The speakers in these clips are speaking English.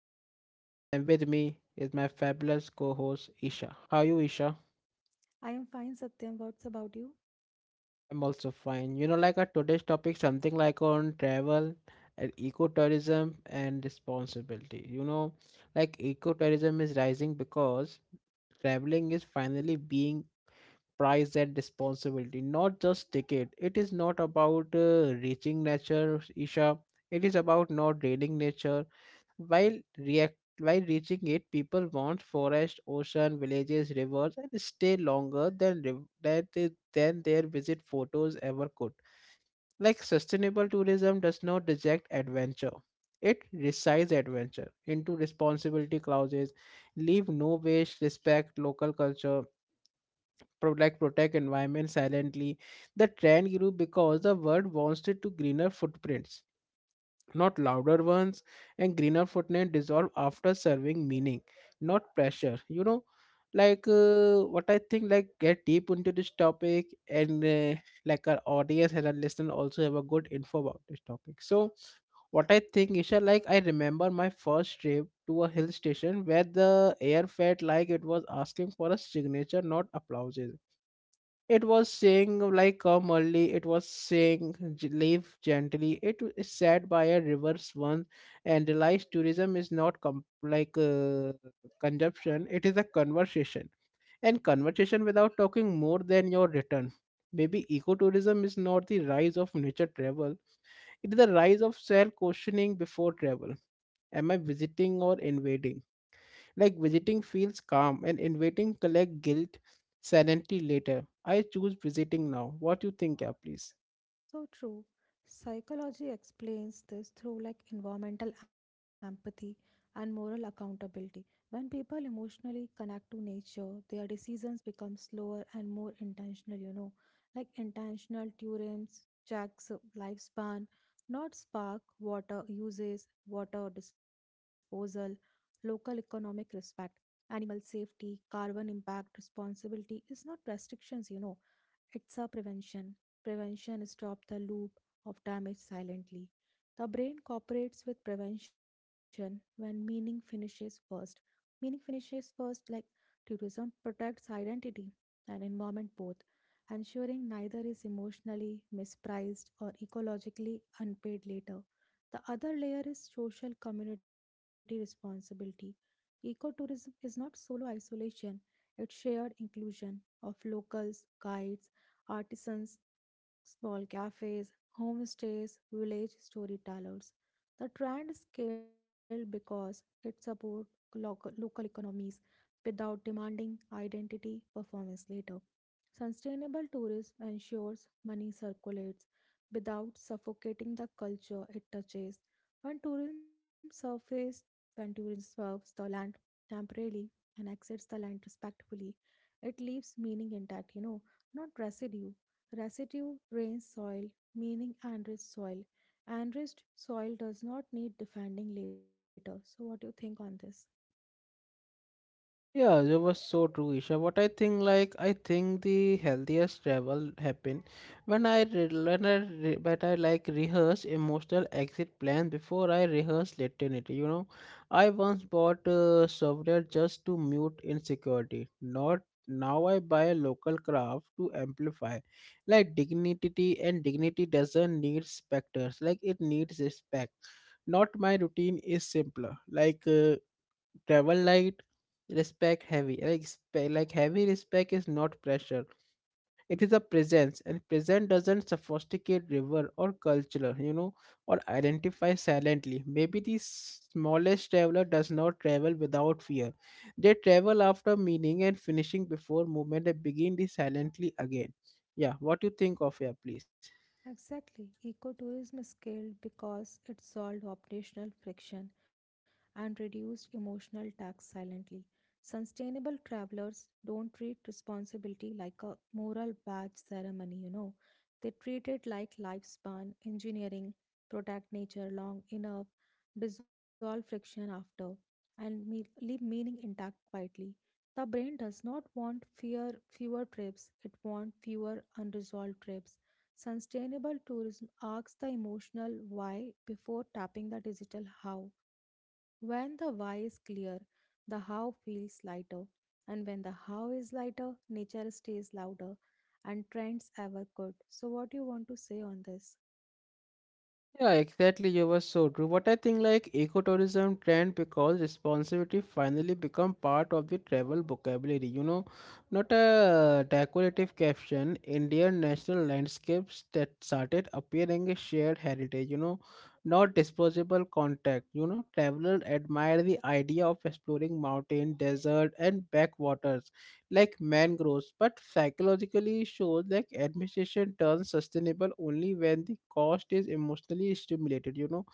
host Satyam and with me is my fabulous co-host Isha. How are you Isha? I am fine, Satyam. What's about you? I'm also fine. You know like our today's topic something like on travel and ecotourism and responsibility. You know like ecotourism is rising because traveling is finally being priced at responsibility not just ticket, it is not about reaching nature Isha, it is about not draining nature. While react while reaching it, people want forest, ocean, villages, rivers, and stay longer than than their visit photos ever could. Like sustainable tourism does not reject adventure; it resides adventure into responsibility clauses, leave no waste, respect local culture, like protect environment silently. The trend grew because the world wants it to greener footprints not louder ones, and greener footprint dissolve after serving meaning not pressure, you know, like what I think like get deep into this topic and like our audience and our listener also have a good info about this topic. So what I think, Isha, like I remember my first trip to a hill station where the air felt like it was asking for a signature, not applause. It was saying, like, come early. It was saying, " leave gently. It is said by a reverse one and realized tourism is not like consumption, it is a conversation. And conversation without talking more than your return. Maybe ecotourism is not the rise of nature travel, it is the rise of self questioning before travel. Am I visiting or invading? Like visiting feels calm and inviting collect guilt silently later. I choose visiting now. What you think, yeah, please? So true. Psychology explains this through like environmental empathy and moral accountability. When people emotionally connect to nature, their decisions become slower and more intentional, like intentional theorems, checks lifespan, not spark, water uses, water disposal, local economic respect, animal safety, carbon impact, responsibility is not restrictions. It's a prevention. Prevention stops the loop of damage silently. The brain cooperates with prevention when meaning finishes first. Meaning finishes first, like tourism protects identity and environment both, ensuring neither is emotionally mispriced or ecologically unpaid later. The other layer is social community responsibility. Ecotourism is not solo isolation, it's shared inclusion of locals, guides, artisans, small cafes, homestays, village storytellers. The trend scaled because it supports local economies without demanding identity performance later. Sustainable tourism ensures money circulates without suffocating the culture it touches. When tourism surface, when tourism serves the land temporarily and exits the land respectfully, it leaves meaning intact, not residue. Residue drains soil, meaning enriched soil. Enriched soil does not need defending later. So what do you think on this? Yeah, that was so true, Isha. What I think, like, I think the healthiest travel happen when when I like rehearse emotional exit plan before I rehearse latinity. You know, I once bought software just to mute insecurity. Not now, I buy local craft to amplify, like dignity, and dignity doesn't need specters. Like it needs respect. Not my routine is simpler. Like. Uh, Travel light respect heavy, like, like heavy respect is not pressure, it is a presence, and present doesn't sophisticate river or culture, you know, or identify silently. Maybe the smallest traveler does not travel without fear, they travel after meaning and finishing before movement and begin the silently again. Yeah, what do you think of here, please? Exactly. Ecotourism scaled because it solved operational friction and reduced emotional tax silently. Sustainable travelers don't treat responsibility like a moral badge ceremony. They treat it like lifespan, engineering, protect nature long enough, dissolve friction after, and leave meaning intact quietly. The brain does not want fear, fewer trips, it wants fewer unresolved trips. Sustainable tourism asks the emotional why before tapping the digital how. When the why is clear, the how feels lighter. And when the how is lighter, nature stays louder and trends ever could. So, what do you want to say on this? Yeah, exactly. You were so true. But I think like ecotourism trend because responsibility finally become part of the travel vocabulary. You know, not a decorative caption. Indian national landscapes that started appearing a shared heritage. You know, not disposable contact. You know, travelers admire the idea of exploring mountain, desert, and backwaters like mangroves, but psychologically shows like administration turns sustainable only when the cost is emotionally stimulated, you know,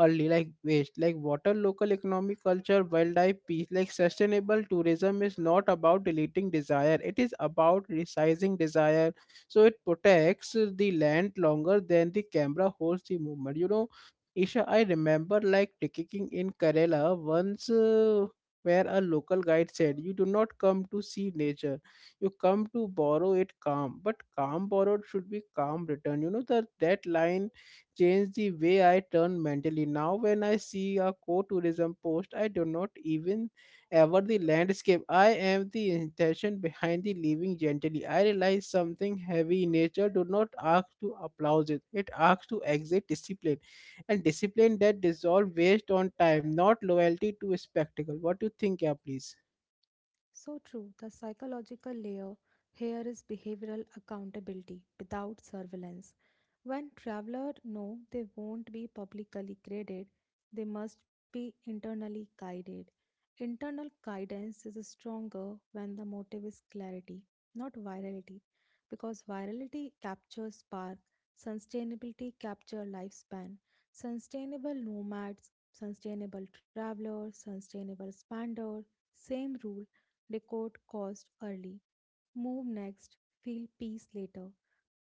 early like waste, like water, local economic culture, wildlife, peace, like sustainable tourism is not about deleting desire, it is about resizing desire. So it protects the land longer than the camera holds the movement, you know. Isha, I remember like taking in Kerala once. Where a local guide said, you do not come to see nature, you come to borrow it calm. But calm borrowed should be calm returned. You know, that line changed the way I turn mentally. Now, when I see a co tourism post, I do not even ever the landscape. I am the intention behind the living gently. I realize something heavy in nature do not ask to applause it, it asks to exit discipline and discipline that dissolve based on time, not loyalty to a spectacle. What do you think, yeah, please? So true, the psychological layer here is behavioral accountability without surveillance. When travelers know they won't be publicly graded, they must be internally guided. Internal guidance is stronger when the motive is clarity, not virality, because virality captures spark, sustainability captures lifespan. Sustainable nomads, sustainable travelers, sustainable spender, same rule: record cost early, move next, feel peace later.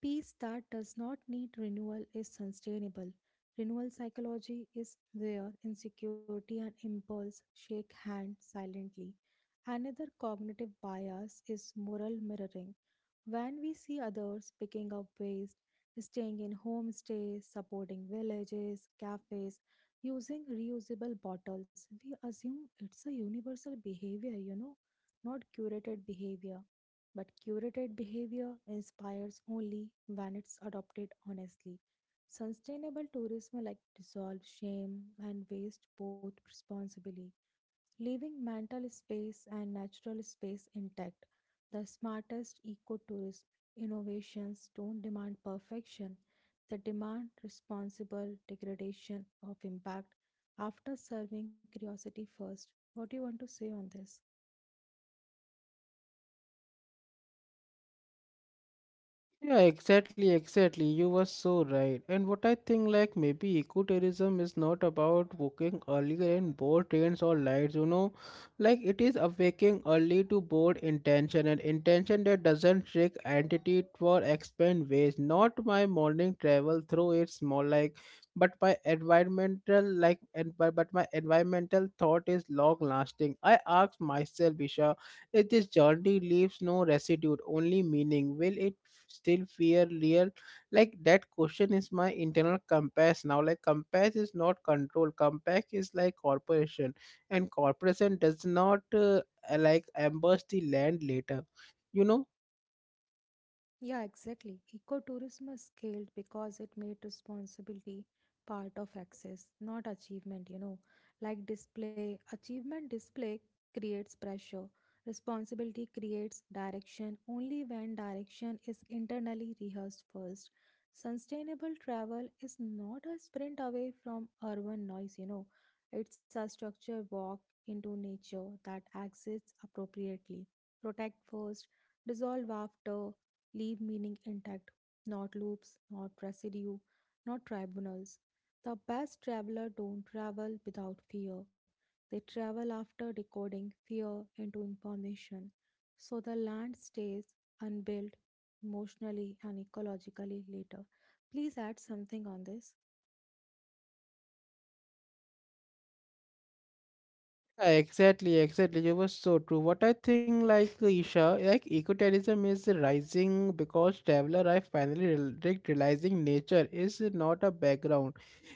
Peace that does not need renewal is sustainable. Renewal psychology is where insecurity and impulse shake hands silently. Another cognitive bias is moral mirroring. When we see others picking up waste, staying in homestays, supporting villages, cafes, using reusable bottles, we assume it's a universal behavior, not curated behavior. But curated behavior inspires only when it's adopted honestly. Sustainable tourism like dissolve shame and waste both responsibly, leaving mental space and natural space intact. The smartest ecotourism innovations don't demand perfection, they demand responsible degradation of impact after serving curiosity first. What do you want to say on this? Yeah, exactly. You were so right. And what I think, like, maybe ecotourism is not about waking earlier and board trains or lights, you know, like, it is awaking early to board intention and intention that doesn't trick entity for expand ways. Not my morning travel through its more like, but my environmental, like, and but my environmental thought is long lasting. I ask myself, Isha. If this journey leaves no residue, only meaning, will it still feel real? Like that question is my internal compass now. Like compass is not control. Compass is like corporation, and corporation does not like ambush the land later. You know. Yeah, exactly. Ecotourism was scaled because it made responsibility part of access, not achievement. Like display, achievement display creates pressure. Responsibility creates direction only when direction is internally rehearsed first. Sustainable travel is not a sprint away from urban noise. It's a structured walk into nature that exits appropriately. Protect first, dissolve after, leave meaning intact, not loops, not residue, not tribunals. The best traveler don't travel without fear. They travel after decoding fear into information. So the land stays unbuilt emotionally and ecologically later. Please add something on this. Yeah, exactly. You were so true. What I think, like Isha, like ecoterrorism is rising because traveler are finally realizing nature is not a background;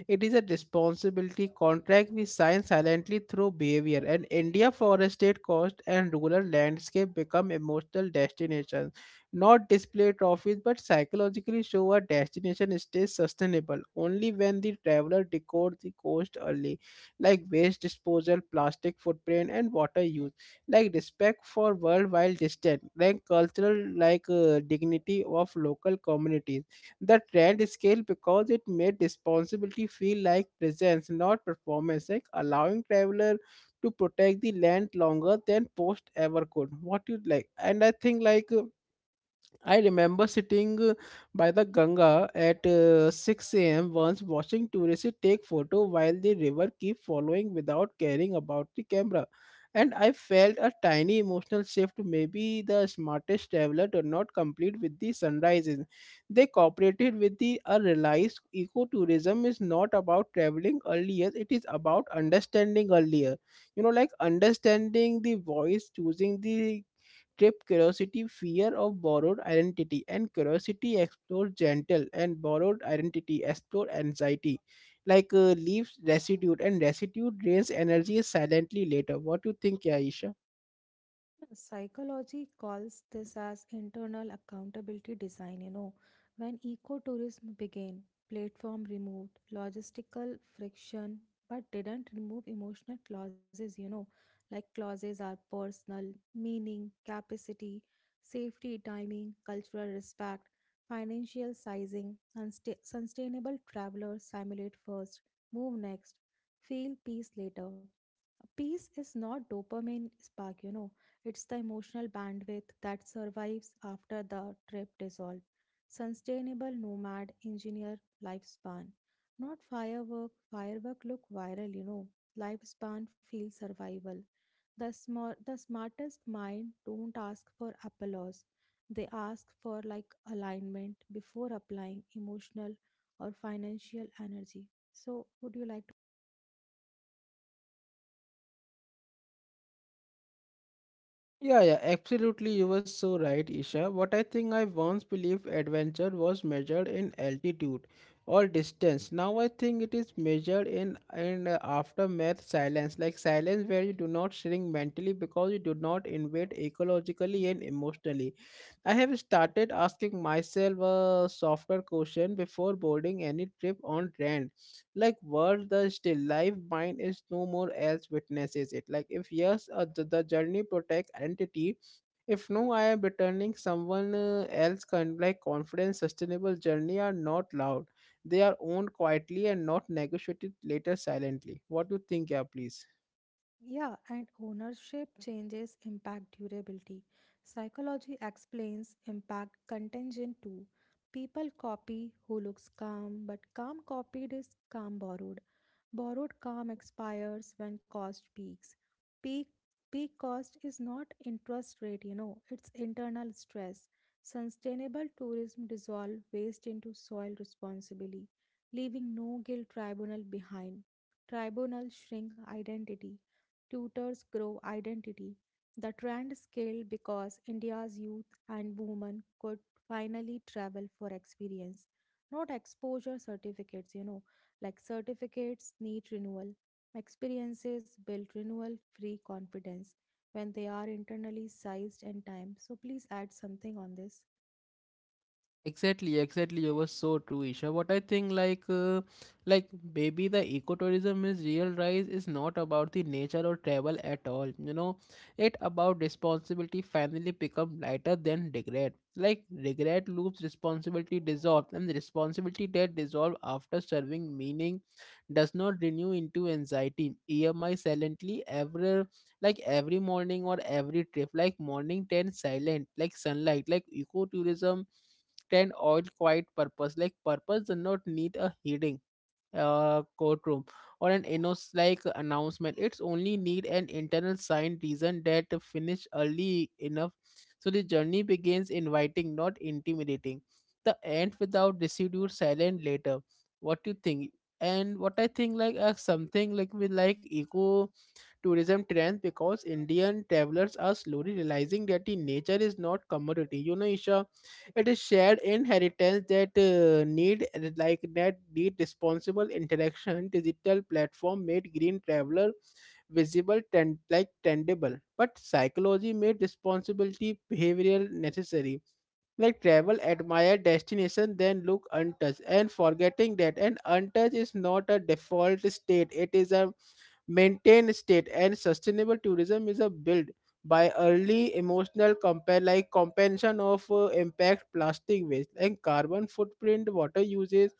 it is a responsibility contract we sign silently through behavior. And India forested coast and rural landscape become emotional destinations, not display trophies, but psychologically show a destination stays sustainable only when the traveler decode the coast early like waste disposal, plastic footprint, and water use. Like respect for world while distant. Like cultural like dignity of local communities. The trend scale because it made responsibility feel like presence, not performance. Like allowing traveler to protect the land longer than post ever could. What you like, and I think like. I remember sitting by the Ganga at 6 a.m. once watching tourists take photo while the river keep following without caring about the camera. And I felt a tiny emotional shift. Maybe the smartest traveler did not complete with the sunrises. They cooperated with the realized ecotourism is not about traveling earlier, it is about understanding earlier. You know, like understanding the voice, choosing the trip curiosity, fear of borrowed identity, and curiosity explore gentle and borrowed identity explore anxiety. Like leaves residue and residue drains energy silently later. What do you think, Aisha? Psychology calls this as internal accountability design. When ecotourism began, platform removed logistical friction but didn't remove emotional clauses. Like clauses are personal, meaning, capacity, safety, timing, cultural respect, financial sizing. Sustainable travelers simulate first, move next, feel peace later. Peace is not dopamine spark. It's the emotional bandwidth that survives after the trip dissolve. Sustainable nomad engineer lifespan. Not firework. Firework look viral. Lifespan feel survival. The smartest mind don't ask for applause. They ask for like alignment before applying emotional or financial energy. So would you like. Yeah, yeah, absolutely. You were so right, Isha. What I think, I once believed adventure was measured in altitude or distance. Now I think it is measured in in aftermath silence, like silence where you do not shrink mentally because you do not invade ecologically and emotionally. I have started asking myself a softer question before boarding any trip on land, like worth the still life mind is no more else witnesses it. Like if yes, the journey protects identity, if no I am returning someone else like confidence. Sustainable journey are not loud, they are owned quietly and not negotiated later silently. What do you think, yeah, please? Yeah, and ownership changes impact durability. Psychology explains impact contingent too. People copy who looks calm, but calm copied is calm borrowed. Borrowed calm expires when cost peaks. Peak peak cost is not interest rate, it's internal stress. Sustainable tourism dissolve waste into soil responsibly, leaving no guilt tribunal behind. Tribunal shrink identity, tutors grow identity. The trend scaled because India's youth and women could finally travel for experience, not exposure certificates, like certificates need renewal. Experiences build renewal free confidence when they are internally sized and timed. So please add something on this. Exactly, exactly. You were so true, Isha. What I think, like, like maybe the ecotourism is real rise is not about the nature or travel at all. You know, it about responsibility finally become lighter than regret. Like regret loops responsibility dissolve, and the responsibility that dissolve after serving meaning does not renew into anxiety. EMI silently every like every morning or every trip, like morning ten silent, like sunlight, like ecotourism 10 all quiet purpose, like purpose does not need a heating courtroom or an announce like announcement, it's only need an internal sign reason that finish early enough, so the journey begins inviting not intimidating, the end without residue silent later. What you think? And what I think like something like with like eco tourism trends because Indian travelers are slowly realizing that the nature is not commodity. You know, Isha, it is shared inheritance that need like that need responsible interaction. Digital platform made green traveler visible and like tangible, but psychology made responsibility behavioral necessary, like travel admire destination then look untouched and forgetting that an untouched is not a default state, it is a maintained state. And sustainable tourism is a build by early emotional compare like compensation of impact, plastic waste and carbon footprint, water uses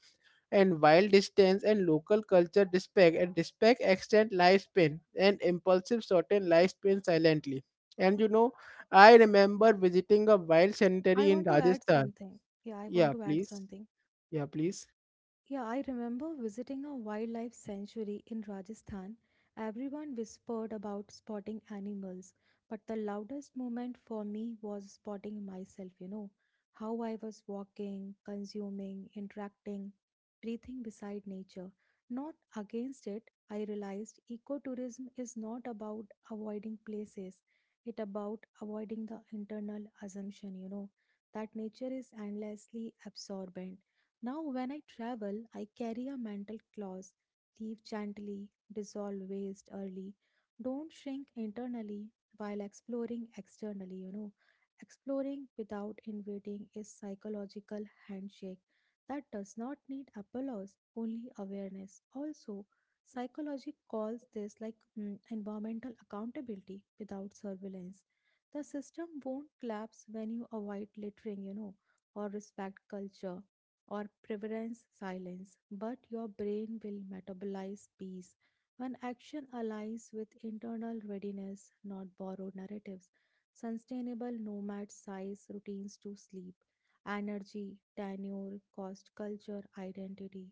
and wild distance and local culture respect. And respect extend lifespan and impulsive shorten lifespan silently. And you know, I remember visiting a wild I cemetery in want to add Rajasthan. something. Yeah, I want Yeah, to add please. something. Yeah, please. Yeah, I remember visiting a wildlife sanctuary in Rajasthan. Everyone whispered about spotting animals, but the loudest moment for me was spotting myself, how I was walking, consuming, interacting, breathing beside nature, not against it. I realized ecotourism is not about avoiding places, it about avoiding the internal assumption, that nature is endlessly absorbent. Now, when I travel, I carry a mental clause: leave gently, dissolve waste early, don't shrink internally while exploring externally. Exploring without invading is psychological handshake that does not need applause, only awareness. Also, psychology calls this like environmental accountability without surveillance. The system won't collapse when you avoid littering, or respect culture or preference silence, but your brain will metabolize peace. When action aligns with internal readiness, not borrowed narratives, sustainable nomad size routines to sleep, energy, tenure, cost, culture, identity.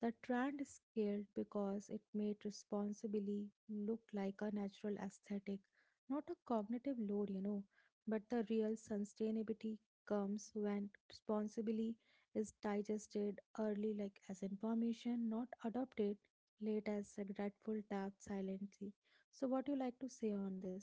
The trend scaled because it made responsibly look like a natural aesthetic, not a cognitive load. But the real sustainability comes when responsibly is digested early like as information, not adopted late as regretful tapped silently. So what do you like to say on this?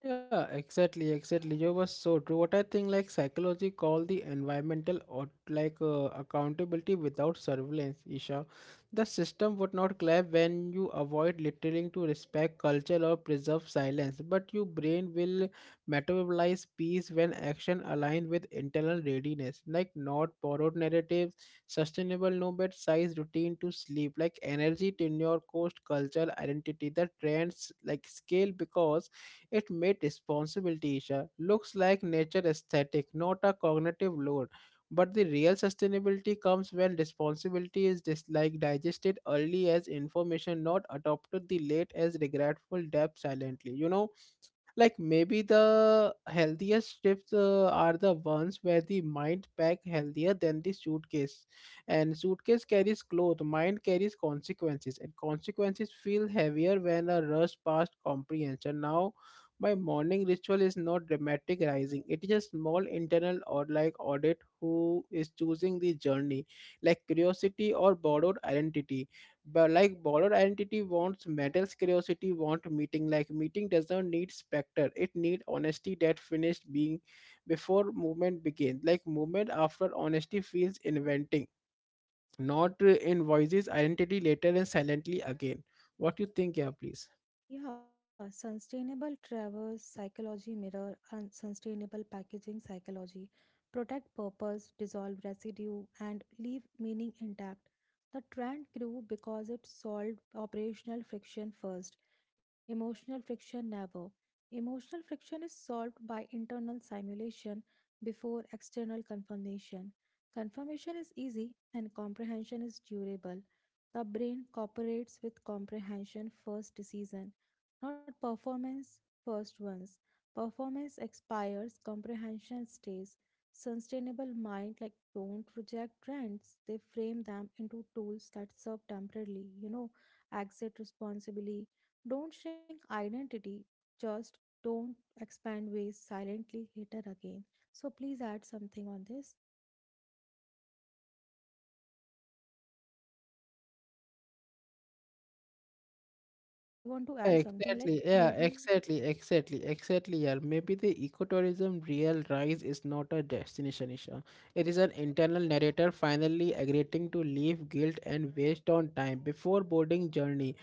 Yeah, exactly, exactly. You were so true. What I think, like psychology, call the environmental or like accountability without surveillance. Isha, the system would not clap when you avoid littering to respect culture or preserve silence, but your brain will metabolize peace when action aligned with internal readiness, like not borrowed narratives, sustainable no bed size routine to sleep, like energy tenure, cost, culture, identity. The trends like scale because it made responsibility, Isha, looks like nature aesthetic, not a cognitive load. But the real sustainability comes when responsibility is dislike digested early as information, not adopted the late as regretful depth silently. You know, like maybe the healthiest trips are the ones where the mind pack healthier than the suitcase, and suitcase carries clothes, mind carries consequences, and consequences feel heavier when a rush past comprehension. Now my morning ritual is not dramatic rising, it is a small internal or like audit who is choosing the journey, like curiosity or borrowed identity. But like borrowed identity wants metals, curiosity want meeting, like meeting does not need specter, it need honesty that finished being before movement begins, like movement after honesty feels inventing, not in voices identity later and silently again. What you think? Yeah, please. Yeah, sustainable traverse psychology mirror and sustainable packaging psychology protect purpose, dissolve residue, and leave meaning intact. The trend grew because it solved operational friction first, emotional friction never. Emotional friction is solved by internal simulation before external confirmation. Confirmation is easy and comprehension is durable. The brain cooperates with comprehension first decision, not performance first ones. Performance expires, comprehension stays. Sustainable mind like don't reject trends. They frame them into tools that serve temporarily, exit responsibly. Don't shrink identity, just don't expand ways silently later again. So please add something on this. I want to add something like Exactly, yeah, maybe. exactly, exactly, exactly. Yeah, maybe the ecotourism real rise is not a destination issue. It is an internal narrator finally agreeing to leave guilt and waste on time before boarding journey.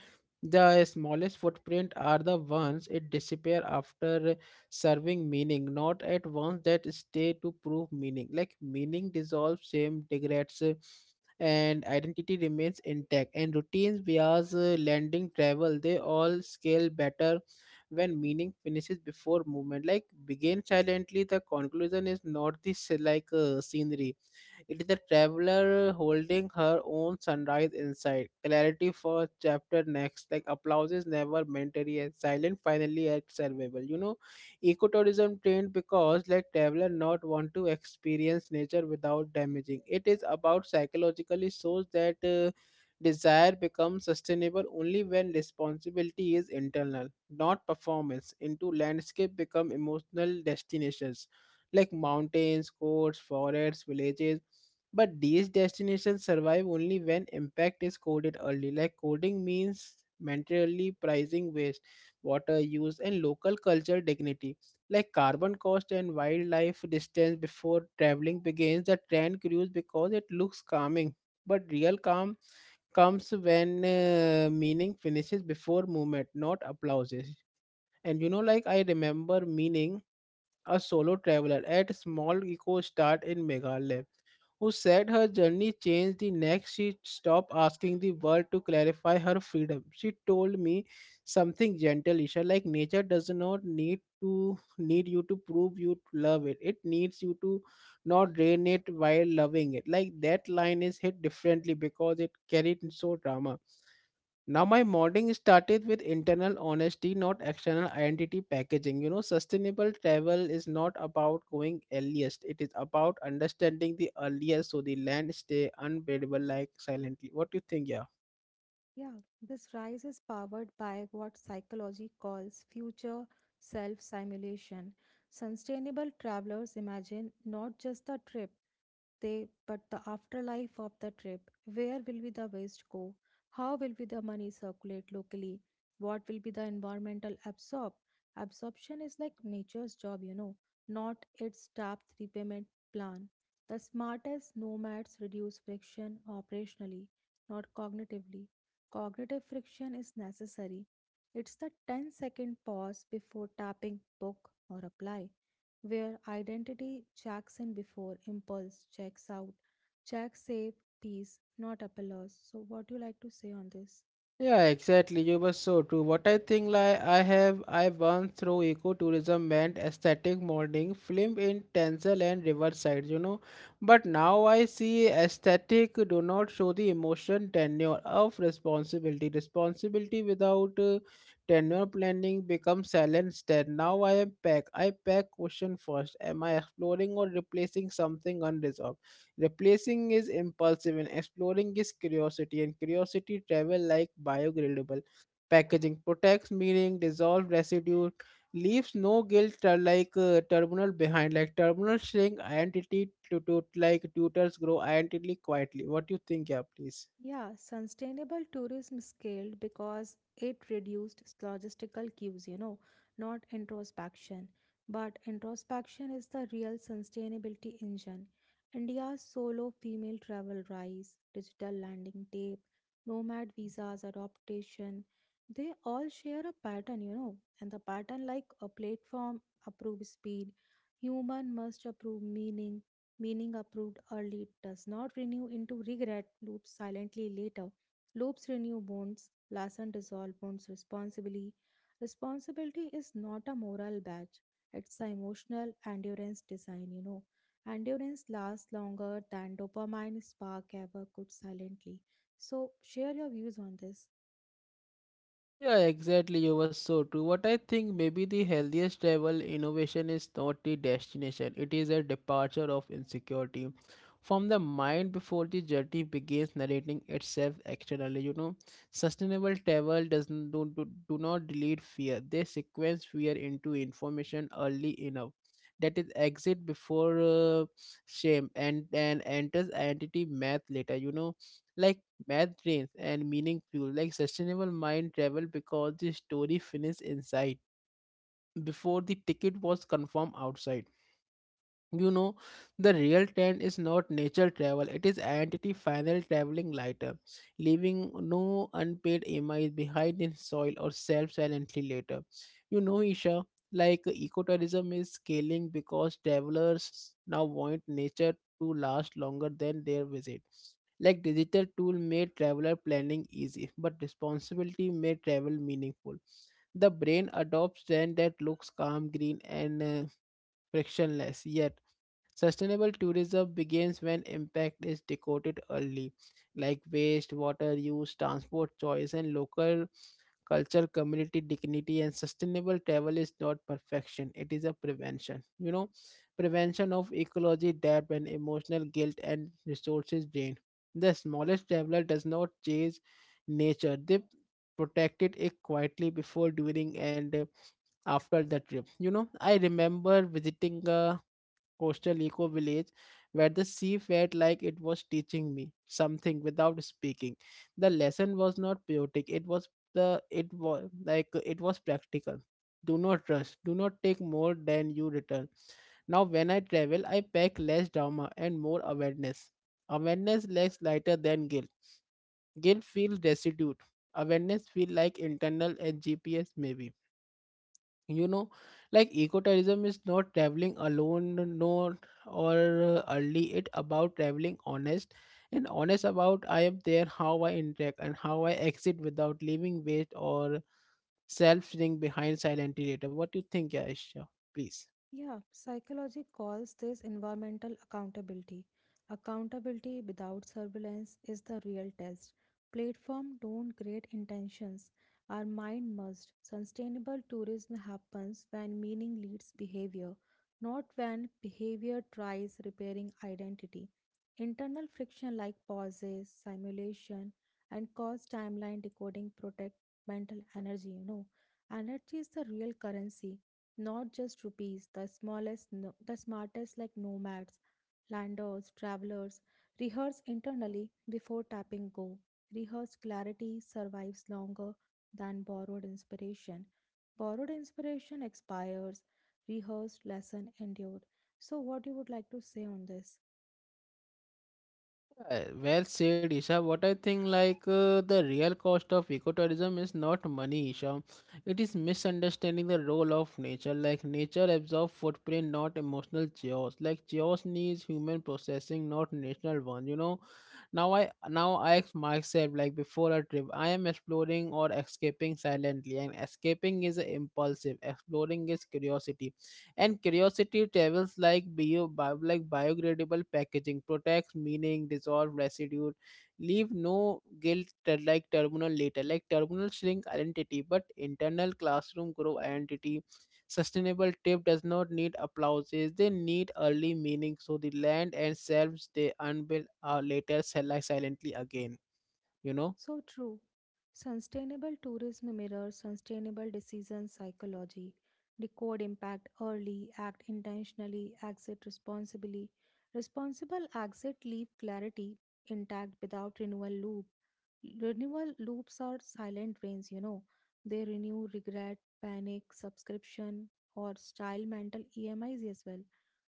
The smallest footprint are the ones it disappear after serving meaning, not at once that stay to prove meaning. Like meaning dissolves, shame degrades, and identity remains intact, and routines bias landing travel they all scale better when meaning finishes before movement like begin silently. The conclusion is not this scenery, it is the traveler holding her own sunrise inside. Clarity for chapter next. Like applauses never mandatory and silent finally at survival. You know, ecotourism trained because like traveler not want to experience nature without damaging. It is about psychologically shows that desire becomes sustainable only when responsibility is internal, not performance. Into landscape become emotional destinations like mountains, coasts, forests, villages. But these destinations survive only when impact is coded early. Like coding means mentally pricing waste, water use, and local culture dignity. Like carbon cost and wildlife distance before traveling begins, the trend grows because it looks calming. But real calm comes when meaning finishes before movement, not applauses. And you know, like I remember meaning a solo traveler at small eco start in Meghalaya, who said her journey changed the next she stopped asking the world to clarify her freedom. She told me something gentle, Isha, like nature does not need to need you to prove you love it. It needs you to not drain it while loving it. Like that line is hit differently because it carried so drama. Now, my modding started with internal honesty, not external identity packaging. You know, sustainable travel is not about going earliest, it is about understanding the earliest so the land stay unbearable, like silently. What do you think? Yeah. Yeah, this rise is powered by what psychology calls future self simulation. Sustainable travelers imagine not just the trip, they, but the afterlife of the trip. Where will be the waste go? How will be the money circulate locally? What will be the environmental absorb? Absorption is like nature's job, not its tapped repayment plan. The smartest nomads reduce friction operationally, not cognitively. Cognitive friction is necessary. It's the ten-second pause before tapping book or apply, where identity checks in before impulse checks out. Check safe peace, not applause. So, what do you like to say on this? Yeah, exactly. You were so true. What I think, like I won through ecotourism meant aesthetic modeling, film in Tenzel and Riverside, you know. But now I see aesthetic do not show the emotion tenure of responsibility. Responsibility without tenure planning becomes silent instead. Now I am pack. I pack question first. Am I exploring or replacing something unresolved? Replacing is impulsive and exploring is curiosity, and curiosity travel like biodegradable. Packaging protects meaning, dissolve residue, leaves no guilt terminal behind, like terminal shrink identity to like tutors grow identity quietly. What do you think, yeah, please? Yeah, sustainable tourism scaled because it reduced logistical cues, not introspection. But introspection is the real sustainability engine. India's solo female travel rise, digital landing tape, nomad visas adaptation, they all share a pattern, and the pattern like a platform approve speed, human must approve meaning. Meaning approved early does not renew into regret loops silently later. Loops renew bonds, lesson dissolve bonds responsibly. Responsibility is not a moral badge, it's an emotional endurance design. Endurance lasts longer than dopamine spark ever could silently. So, share your views on this. Yeah, exactly. You were so true. What I think maybe the healthiest travel innovation is not the destination, it is a departure of insecurity from the mind before the journey begins narrating itself externally. You know, sustainable travel doesn't do, do, do not delete fear, they sequence fear into information early enough. That is exit before shame and enters identity math later. You know, like math trains and meaning fuel like sustainable mind travel because the story finished inside before the ticket was confirmed outside. You know, the real trend is not nature travel, it is entity final traveling lighter, leaving no unpaid M is behind in soil or self silently later. You know, Isha, like ecotourism is scaling because travelers now want nature to last longer than their visit. Like digital tool made traveler planning easy, but responsibility made travel meaningful. The brain adopts trend that looks calm, green, and frictionless, yet sustainable tourism begins when impact is decoded early, like waste, water use, transport choice, and local culture, community dignity. And sustainable travel is not perfection, it is a prevention. You know, prevention of ecology debt and emotional guilt and resources drain. The smallest traveler does not chase nature, they protected it quietly before, during, and after the trip. You know, I remember visiting a coastal eco village where the sea felt like it was teaching me something without speaking. The lesson was not poetic, it was the it was like it was practical. Do not rush, do not take more than you return. Now when I travel I pack less drama and more awareness. Awareness less lighter than guilt. Guilt feels destitute. Awareness feel like internal and GPS maybe, you know, like ecotourism is not traveling alone nor or early, it about traveling honest, and honest about I am there, how I interact, and how I exit without leaving waste or self sitting behind silently later. What do you think, Aisha? Please. Yeah, psychology calls this environmental accountability. Accountability without surveillance is the real test. Platform don't create intentions. Our mind must. Sustainable tourism happens when meaning leads behavior, not when behavior tries repairing identity. Internal friction like pauses, simulation, and cause timeline decoding protect mental energy. Energy is the real currency, not just rupees. The smallest, no- the smartest like nomads, landers, travelers, rehearse internally before tapping go. Rehearsed clarity survives longer than borrowed inspiration. Borrowed inspiration expires, rehearsed lesson endured. So, what you would like to say on this? Well said, Isha. What I think, like the real cost of ecotourism is not money, Isha. It is misunderstanding the role of nature. Like nature absorbs footprint, not emotional chaos. Like chaos needs human processing, not national one. You know. Now I ask myself, like before a trip, I am exploring or escaping silently, and escaping is impulsive. Exploring is curiosity, and curiosity tables like biodegradable packaging protects meaning, dissolve residue, leave no guilt terminal later, like terminal shrink identity, but internal classroom grow identity. Sustainable tip does not need applauses, they need early meaning so the land and selves they unveil are later silently again, you know. So true. Sustainable tourism mirrors sustainable decision psychology. Decode impact early, act intentionally, exit responsibly. Responsible exit leave clarity intact without renewal loop. Renewal loops are silent drains. They renew regret, panic, subscription, or style mental EMIs as well.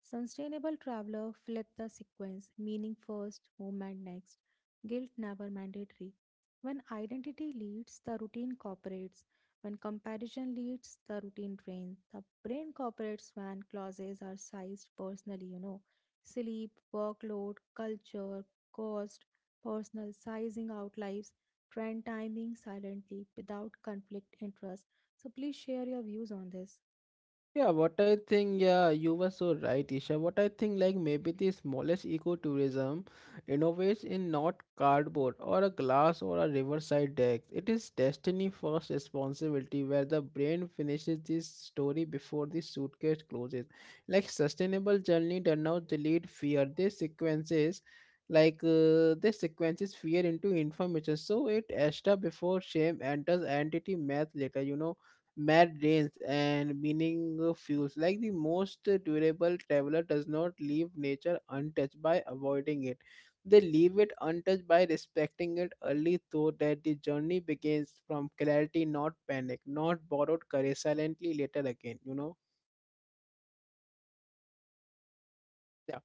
Sustainable traveler flipped the sequence: meaning first, movement next, guilt never mandatory. When identity leads, the routine cooperates. When comparison leads, the routine drains. The brain cooperates when clauses are sized personally. Sleep, workload, culture, cost, personal sizing out lives, trend timing silently without conflict interest. So please share your views on this. Yeah, what I think, yeah, you were so right, Isha. What I think, like maybe the smallest ecotourism innovates in not cardboard or a glass or a riverside deck. It is destiny first responsibility where the brain finishes this story before the suitcase closes. Like sustainable journey does not delete fear. They sequences fear into information. So it extra before shame enters entity math later, you know, mad rains and meaning fuels like the most durable traveler does not leave nature untouched by avoiding it, they leave it untouched by respecting it early so that the journey begins from clarity, not panic, not borrowed courage silently later again, you know. Yeah,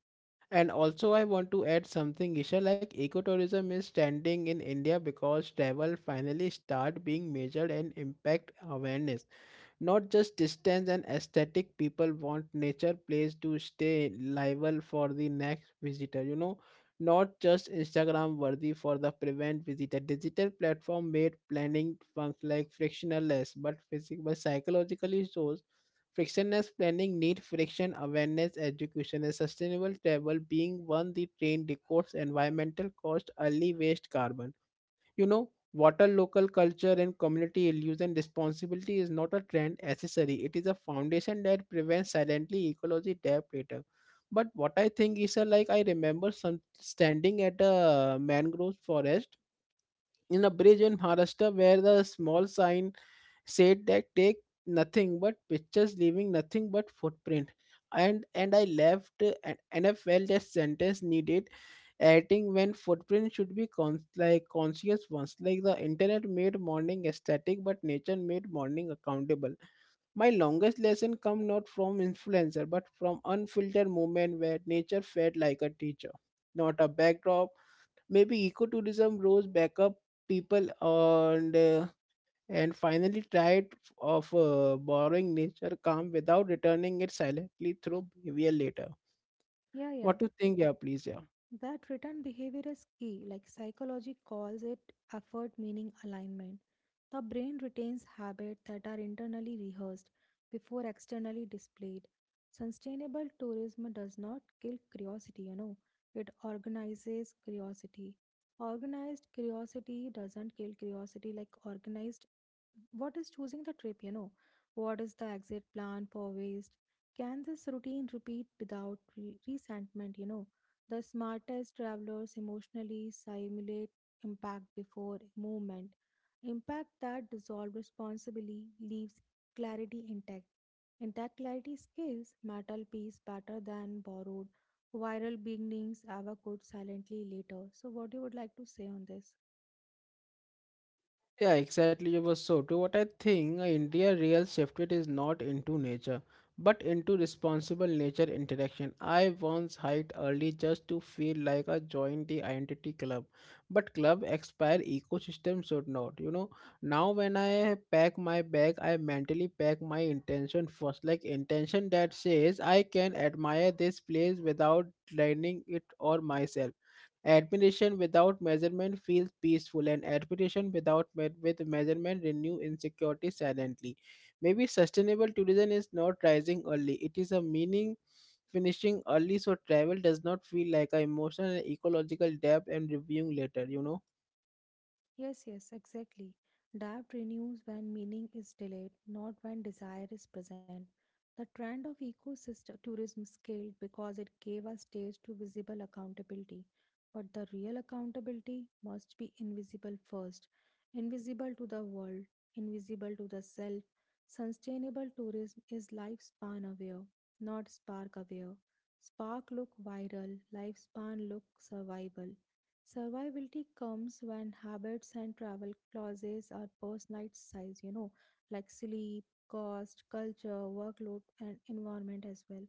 and also I want to add something, Isha, like ecotourism is standing in India because travel finally start being measured and impact awareness, not just distance and aesthetic. People want nature place to stay liable for the next visitor, you know, not just Instagram worthy for the prevent visitor. Digital platform made planning func like frictionless, but psychologically shows frictionless planning need friction awareness education, and sustainable travel being one the train decodes environmental cost early, waste, carbon, you know, water, local culture, and community illusion. Responsibility is not a trend accessory. It is a foundation that prevents silently ecology debt later. But what I think is like I remember some standing at a mangrove forest in a bridge in Maharashtra where the small sign said that take nothing but pictures, leaving nothing but footprint. And and i left uh, and, and I felt that sentence needed editing when footprint should be conscious ones. Like the internet made morning aesthetic, but nature made morning accountable. My longest lesson come not from influencer but from unfiltered moment where nature felt like a teacher, not a backdrop. Maybe ecotourism rose back up people and finally tried of borrowing nature calm without returning it silently through behavior later. Yeah, What yeah. to think, yeah, please, yeah. That return behavior is key, like psychology calls it effort meaning alignment. The brain retains habits that are internally rehearsed before externally displayed. Sustainable tourism does not kill curiosity, it organizes curiosity. Organized curiosity doesn't kill curiosity like organized. What is choosing the trip? What is the exit plan for waste? Can this routine repeat without resentment? The smartest travelers emotionally simulate impact before movement, impact that dissolve responsibly, leaves clarity intact. Intact clarity skills metal piece better than borrowed viral beginnings ever could silently later. So what you would like to say on this? Yeah, exactly. You were so true. What I think India real shifted is not into nature, but into responsible nature interaction. I once hiked early just to feel like I joined the identity club, but club expire ecosystem should not. You know, now when I pack my bag, I mentally pack my intention first, like intention that says I can admire this place without draining it or myself. Admiration without measurement feels peaceful, and admiration without with measurement renew insecurity silently. Maybe sustainable tourism is not rising early; it is a meaning finishing early, so travel does not feel like an emotional and ecological debt and reviewing later. You know. Yes, yes, exactly. Doubt renews when meaning is delayed, not when desire is present. The trend of ecosystem tourism scaled because it gave a stage to visible accountability. But the real accountability must be invisible first, invisible to the world, invisible to the self. Sustainable tourism is lifespan aware, not spark aware. Spark look viral, lifespan look survival. Survivability comes when habits and travel clauses are personalized, like sleep, cost, culture, workload, and environment as well.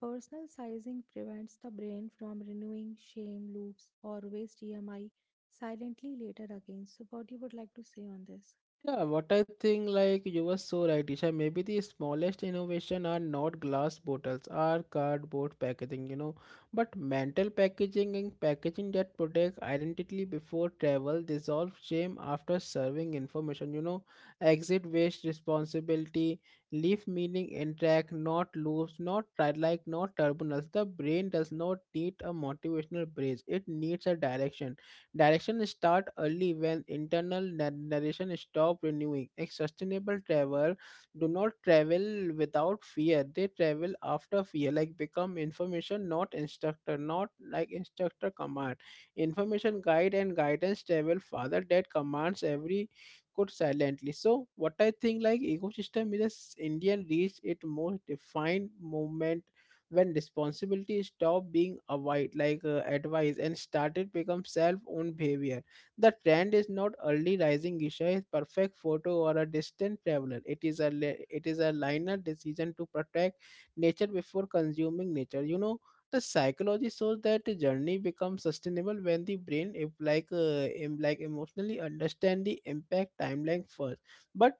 Personal sizing prevents the brain from renewing shame loops or waste EMI silently later again. So, what you would like to say on this? Yeah, what I think, like you were so right, Isha. Maybe the smallest innovation are not glass bottles, are cardboard packaging, you know. But mental packaging and packaging that protects identity before travel, dissolve shame after serving information, you know. Exit waste responsibility, leave meaning intact, not loops, not tri- like not turbulence. The brain does not need a motivational bridge; it needs a direction. Direction start early when internal narration stop renewing. A sustainable travel do not travel without fear. They travel after fear, like become information, not instructor, not like instructor command. Information guide and guidance travel father that commands every could silently. So what I think like ecosystem is a Indian reach it most defined movement when responsibility stopped being avoid like advice and started become self-owned behavior. The trend is not early rising, Isha, is perfect photo or a distant traveler. It is a linear decision to protect nature before consuming nature. You know, the psychology shows that the journey becomes sustainable when the brain if like em- like emotionally understand the impact timeline first. But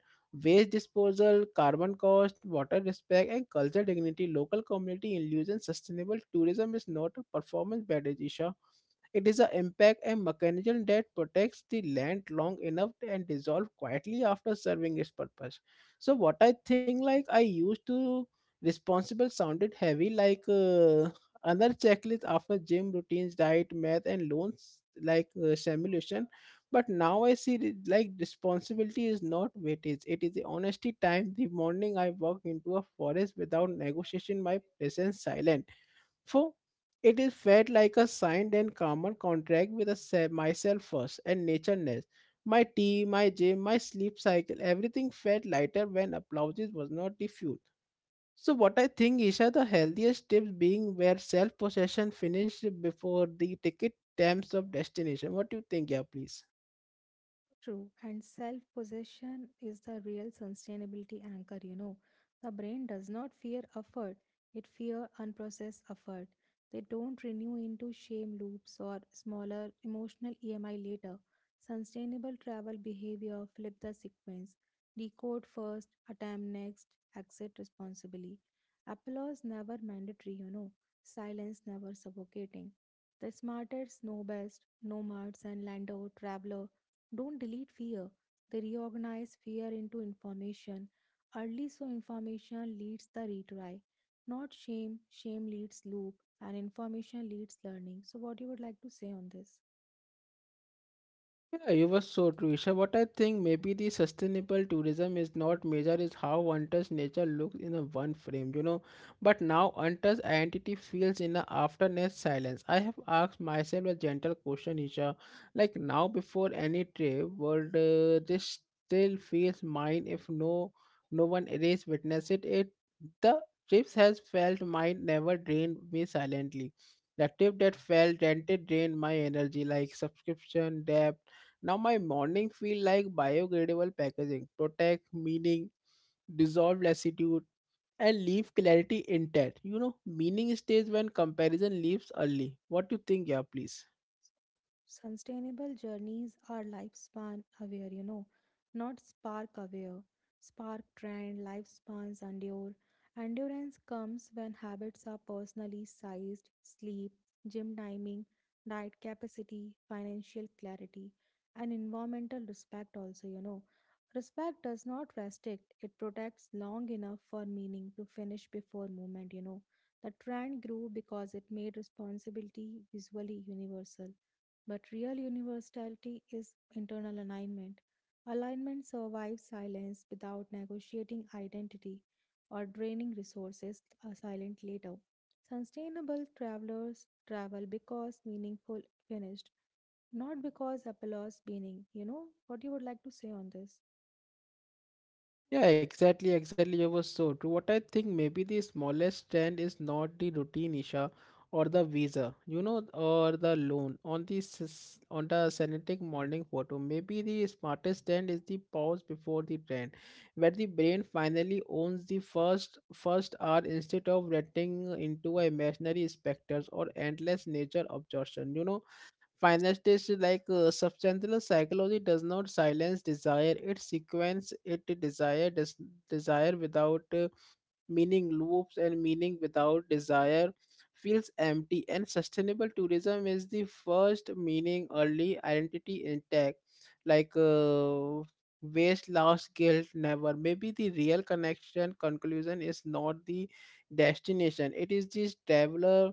waste disposal, carbon cost, water respect, and cultural dignity, local community inclusion. Sustainable tourism is not a performance bad Isha. It is an impact and mechanism that protects the land long enough and dissolve quietly after serving its purpose. So what I think like I used to responsible sounded heavy another checklist after gym routines, diet, math, and loans simulation, but now I see it like responsibility is not weightage, it is the honesty time the morning I walk into a forest without negotiation my presence silent for it is felt like a signed and common contract with myself first and nature next. My tea, my gym, my sleep cycle everything felt lighter when applauses was not the fuel. So what I think, Isha, the healthiest tips being where self-possession finished before the ticket terms of destination. What do you think, yeah, please? True, and self possession is the real sustainability anchor. The brain does not fear effort, it fear unprocessed effort. They don't renew into shame loops or smaller emotional EMI later. Sustainable travel behavior flip the sequence. Decode first, attempt next, exit responsibly. Applause never mandatory. Silence never suffocating. The smartest know best, nomads and landau traveler don't delete fear. They reorganize fear into information. Early so information leads the retry, not shame. Shame leads loop and information leads learning. So what you would like to say on this? Yeah, you were so true, Isha. What I think maybe the sustainable tourism is not measure is how untouched nature looks in a one frame, you know. But now untouched identity feels in a afterness silence. I have asked myself a gentle question, Isha. Like now before any trip, would this still feels mine if no one erase witness it? It the trips has felt mine never drained me silently. The trip that felt rented drained my energy like subscription, debt. Now my morning feel like biodegradable packaging, protect, meaning, dissolve lassitude, and leave clarity intact. You know, meaning stays when comparison leaves early. What do you think, yeah, please? Sustainable journeys are lifespan aware, not spark aware. Spark trend, lifespans endure. Endurance comes when habits are personally sized: sleep, gym timing, diet capacity, financial clarity, and environmental respect, also. You know, respect does not restrict, it protects long enough for meaning to finish before movement. You know, the trend grew because it made responsibility visually universal, but real universality is internal alignment. Alignment survives silence without negotiating identity or draining resources a silent later. Sustainable travelers travel because meaningful finished, not because applause meaning. You know what you would like to say on this? Yeah, exactly. You were so true. What I think maybe the smallest trend is not the routine Isha or the visa, you know, or the loan on on the synthetic morning photo. Maybe the smartest trend is the pause before the trend, where the brain finally owns the first hour instead of renting into a imaginary specters or endless nature absorption. You know. Finally, substantial psychology does not silence desire; it sequence it desire desire without meaning loops and meaning without desire feels empty and sustainable tourism is the first meaning early identity intact like uh, waste loss guilt never. Maybe the real connection conclusion is not the destination, it is this traveler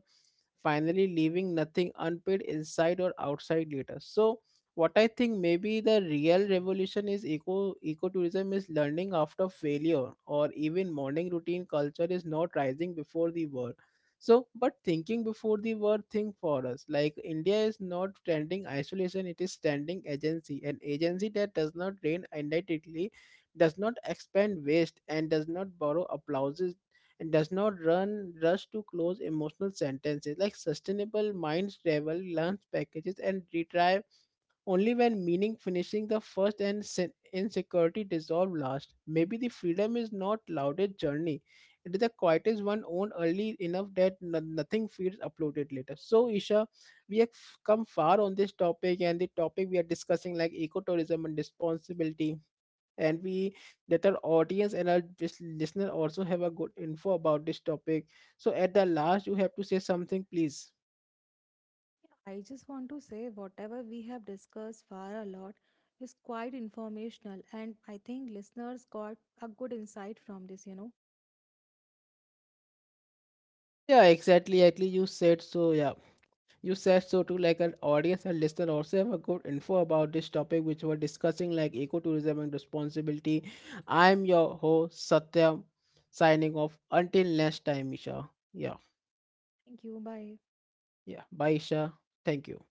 finally leaving nothing unpaid inside or outside later. So what I think maybe the real revolution is ecotourism is learning after failure or even morning routine culture is not rising before the war. So, but thinking before the war thing for us, like India is not standing isolation, it is standing agency, an agency that does not reign identically, does not expand waste, and does not borrow applauses, and does not run rush to close emotional sentences like sustainable minds travel, lunch packages, and retry only when meaning finishing the first and insecurity dissolve last. Maybe the freedom is not loudest journey. It is the quietest one owned early enough that nothing feels uploaded later. So Isha, we have come far on this topic and the topic we are discussing like ecotourism and responsibility and we that our audience and our listener also have a good info about this topic. So at the last you have to say something please. I just want to say whatever we have discussed far a lot is quite informational and I think listeners got a good insight from this. Yeah, exactly. Actually, you said so. Yeah. You said so too, like an audience and listener also have a good info about this topic which we're discussing, like ecotourism and responsibility. I'm your host, Satyam, signing off. Until next time, Isha. Yeah, Thank you. Bye. yeah. Bye, Isha. Thank you.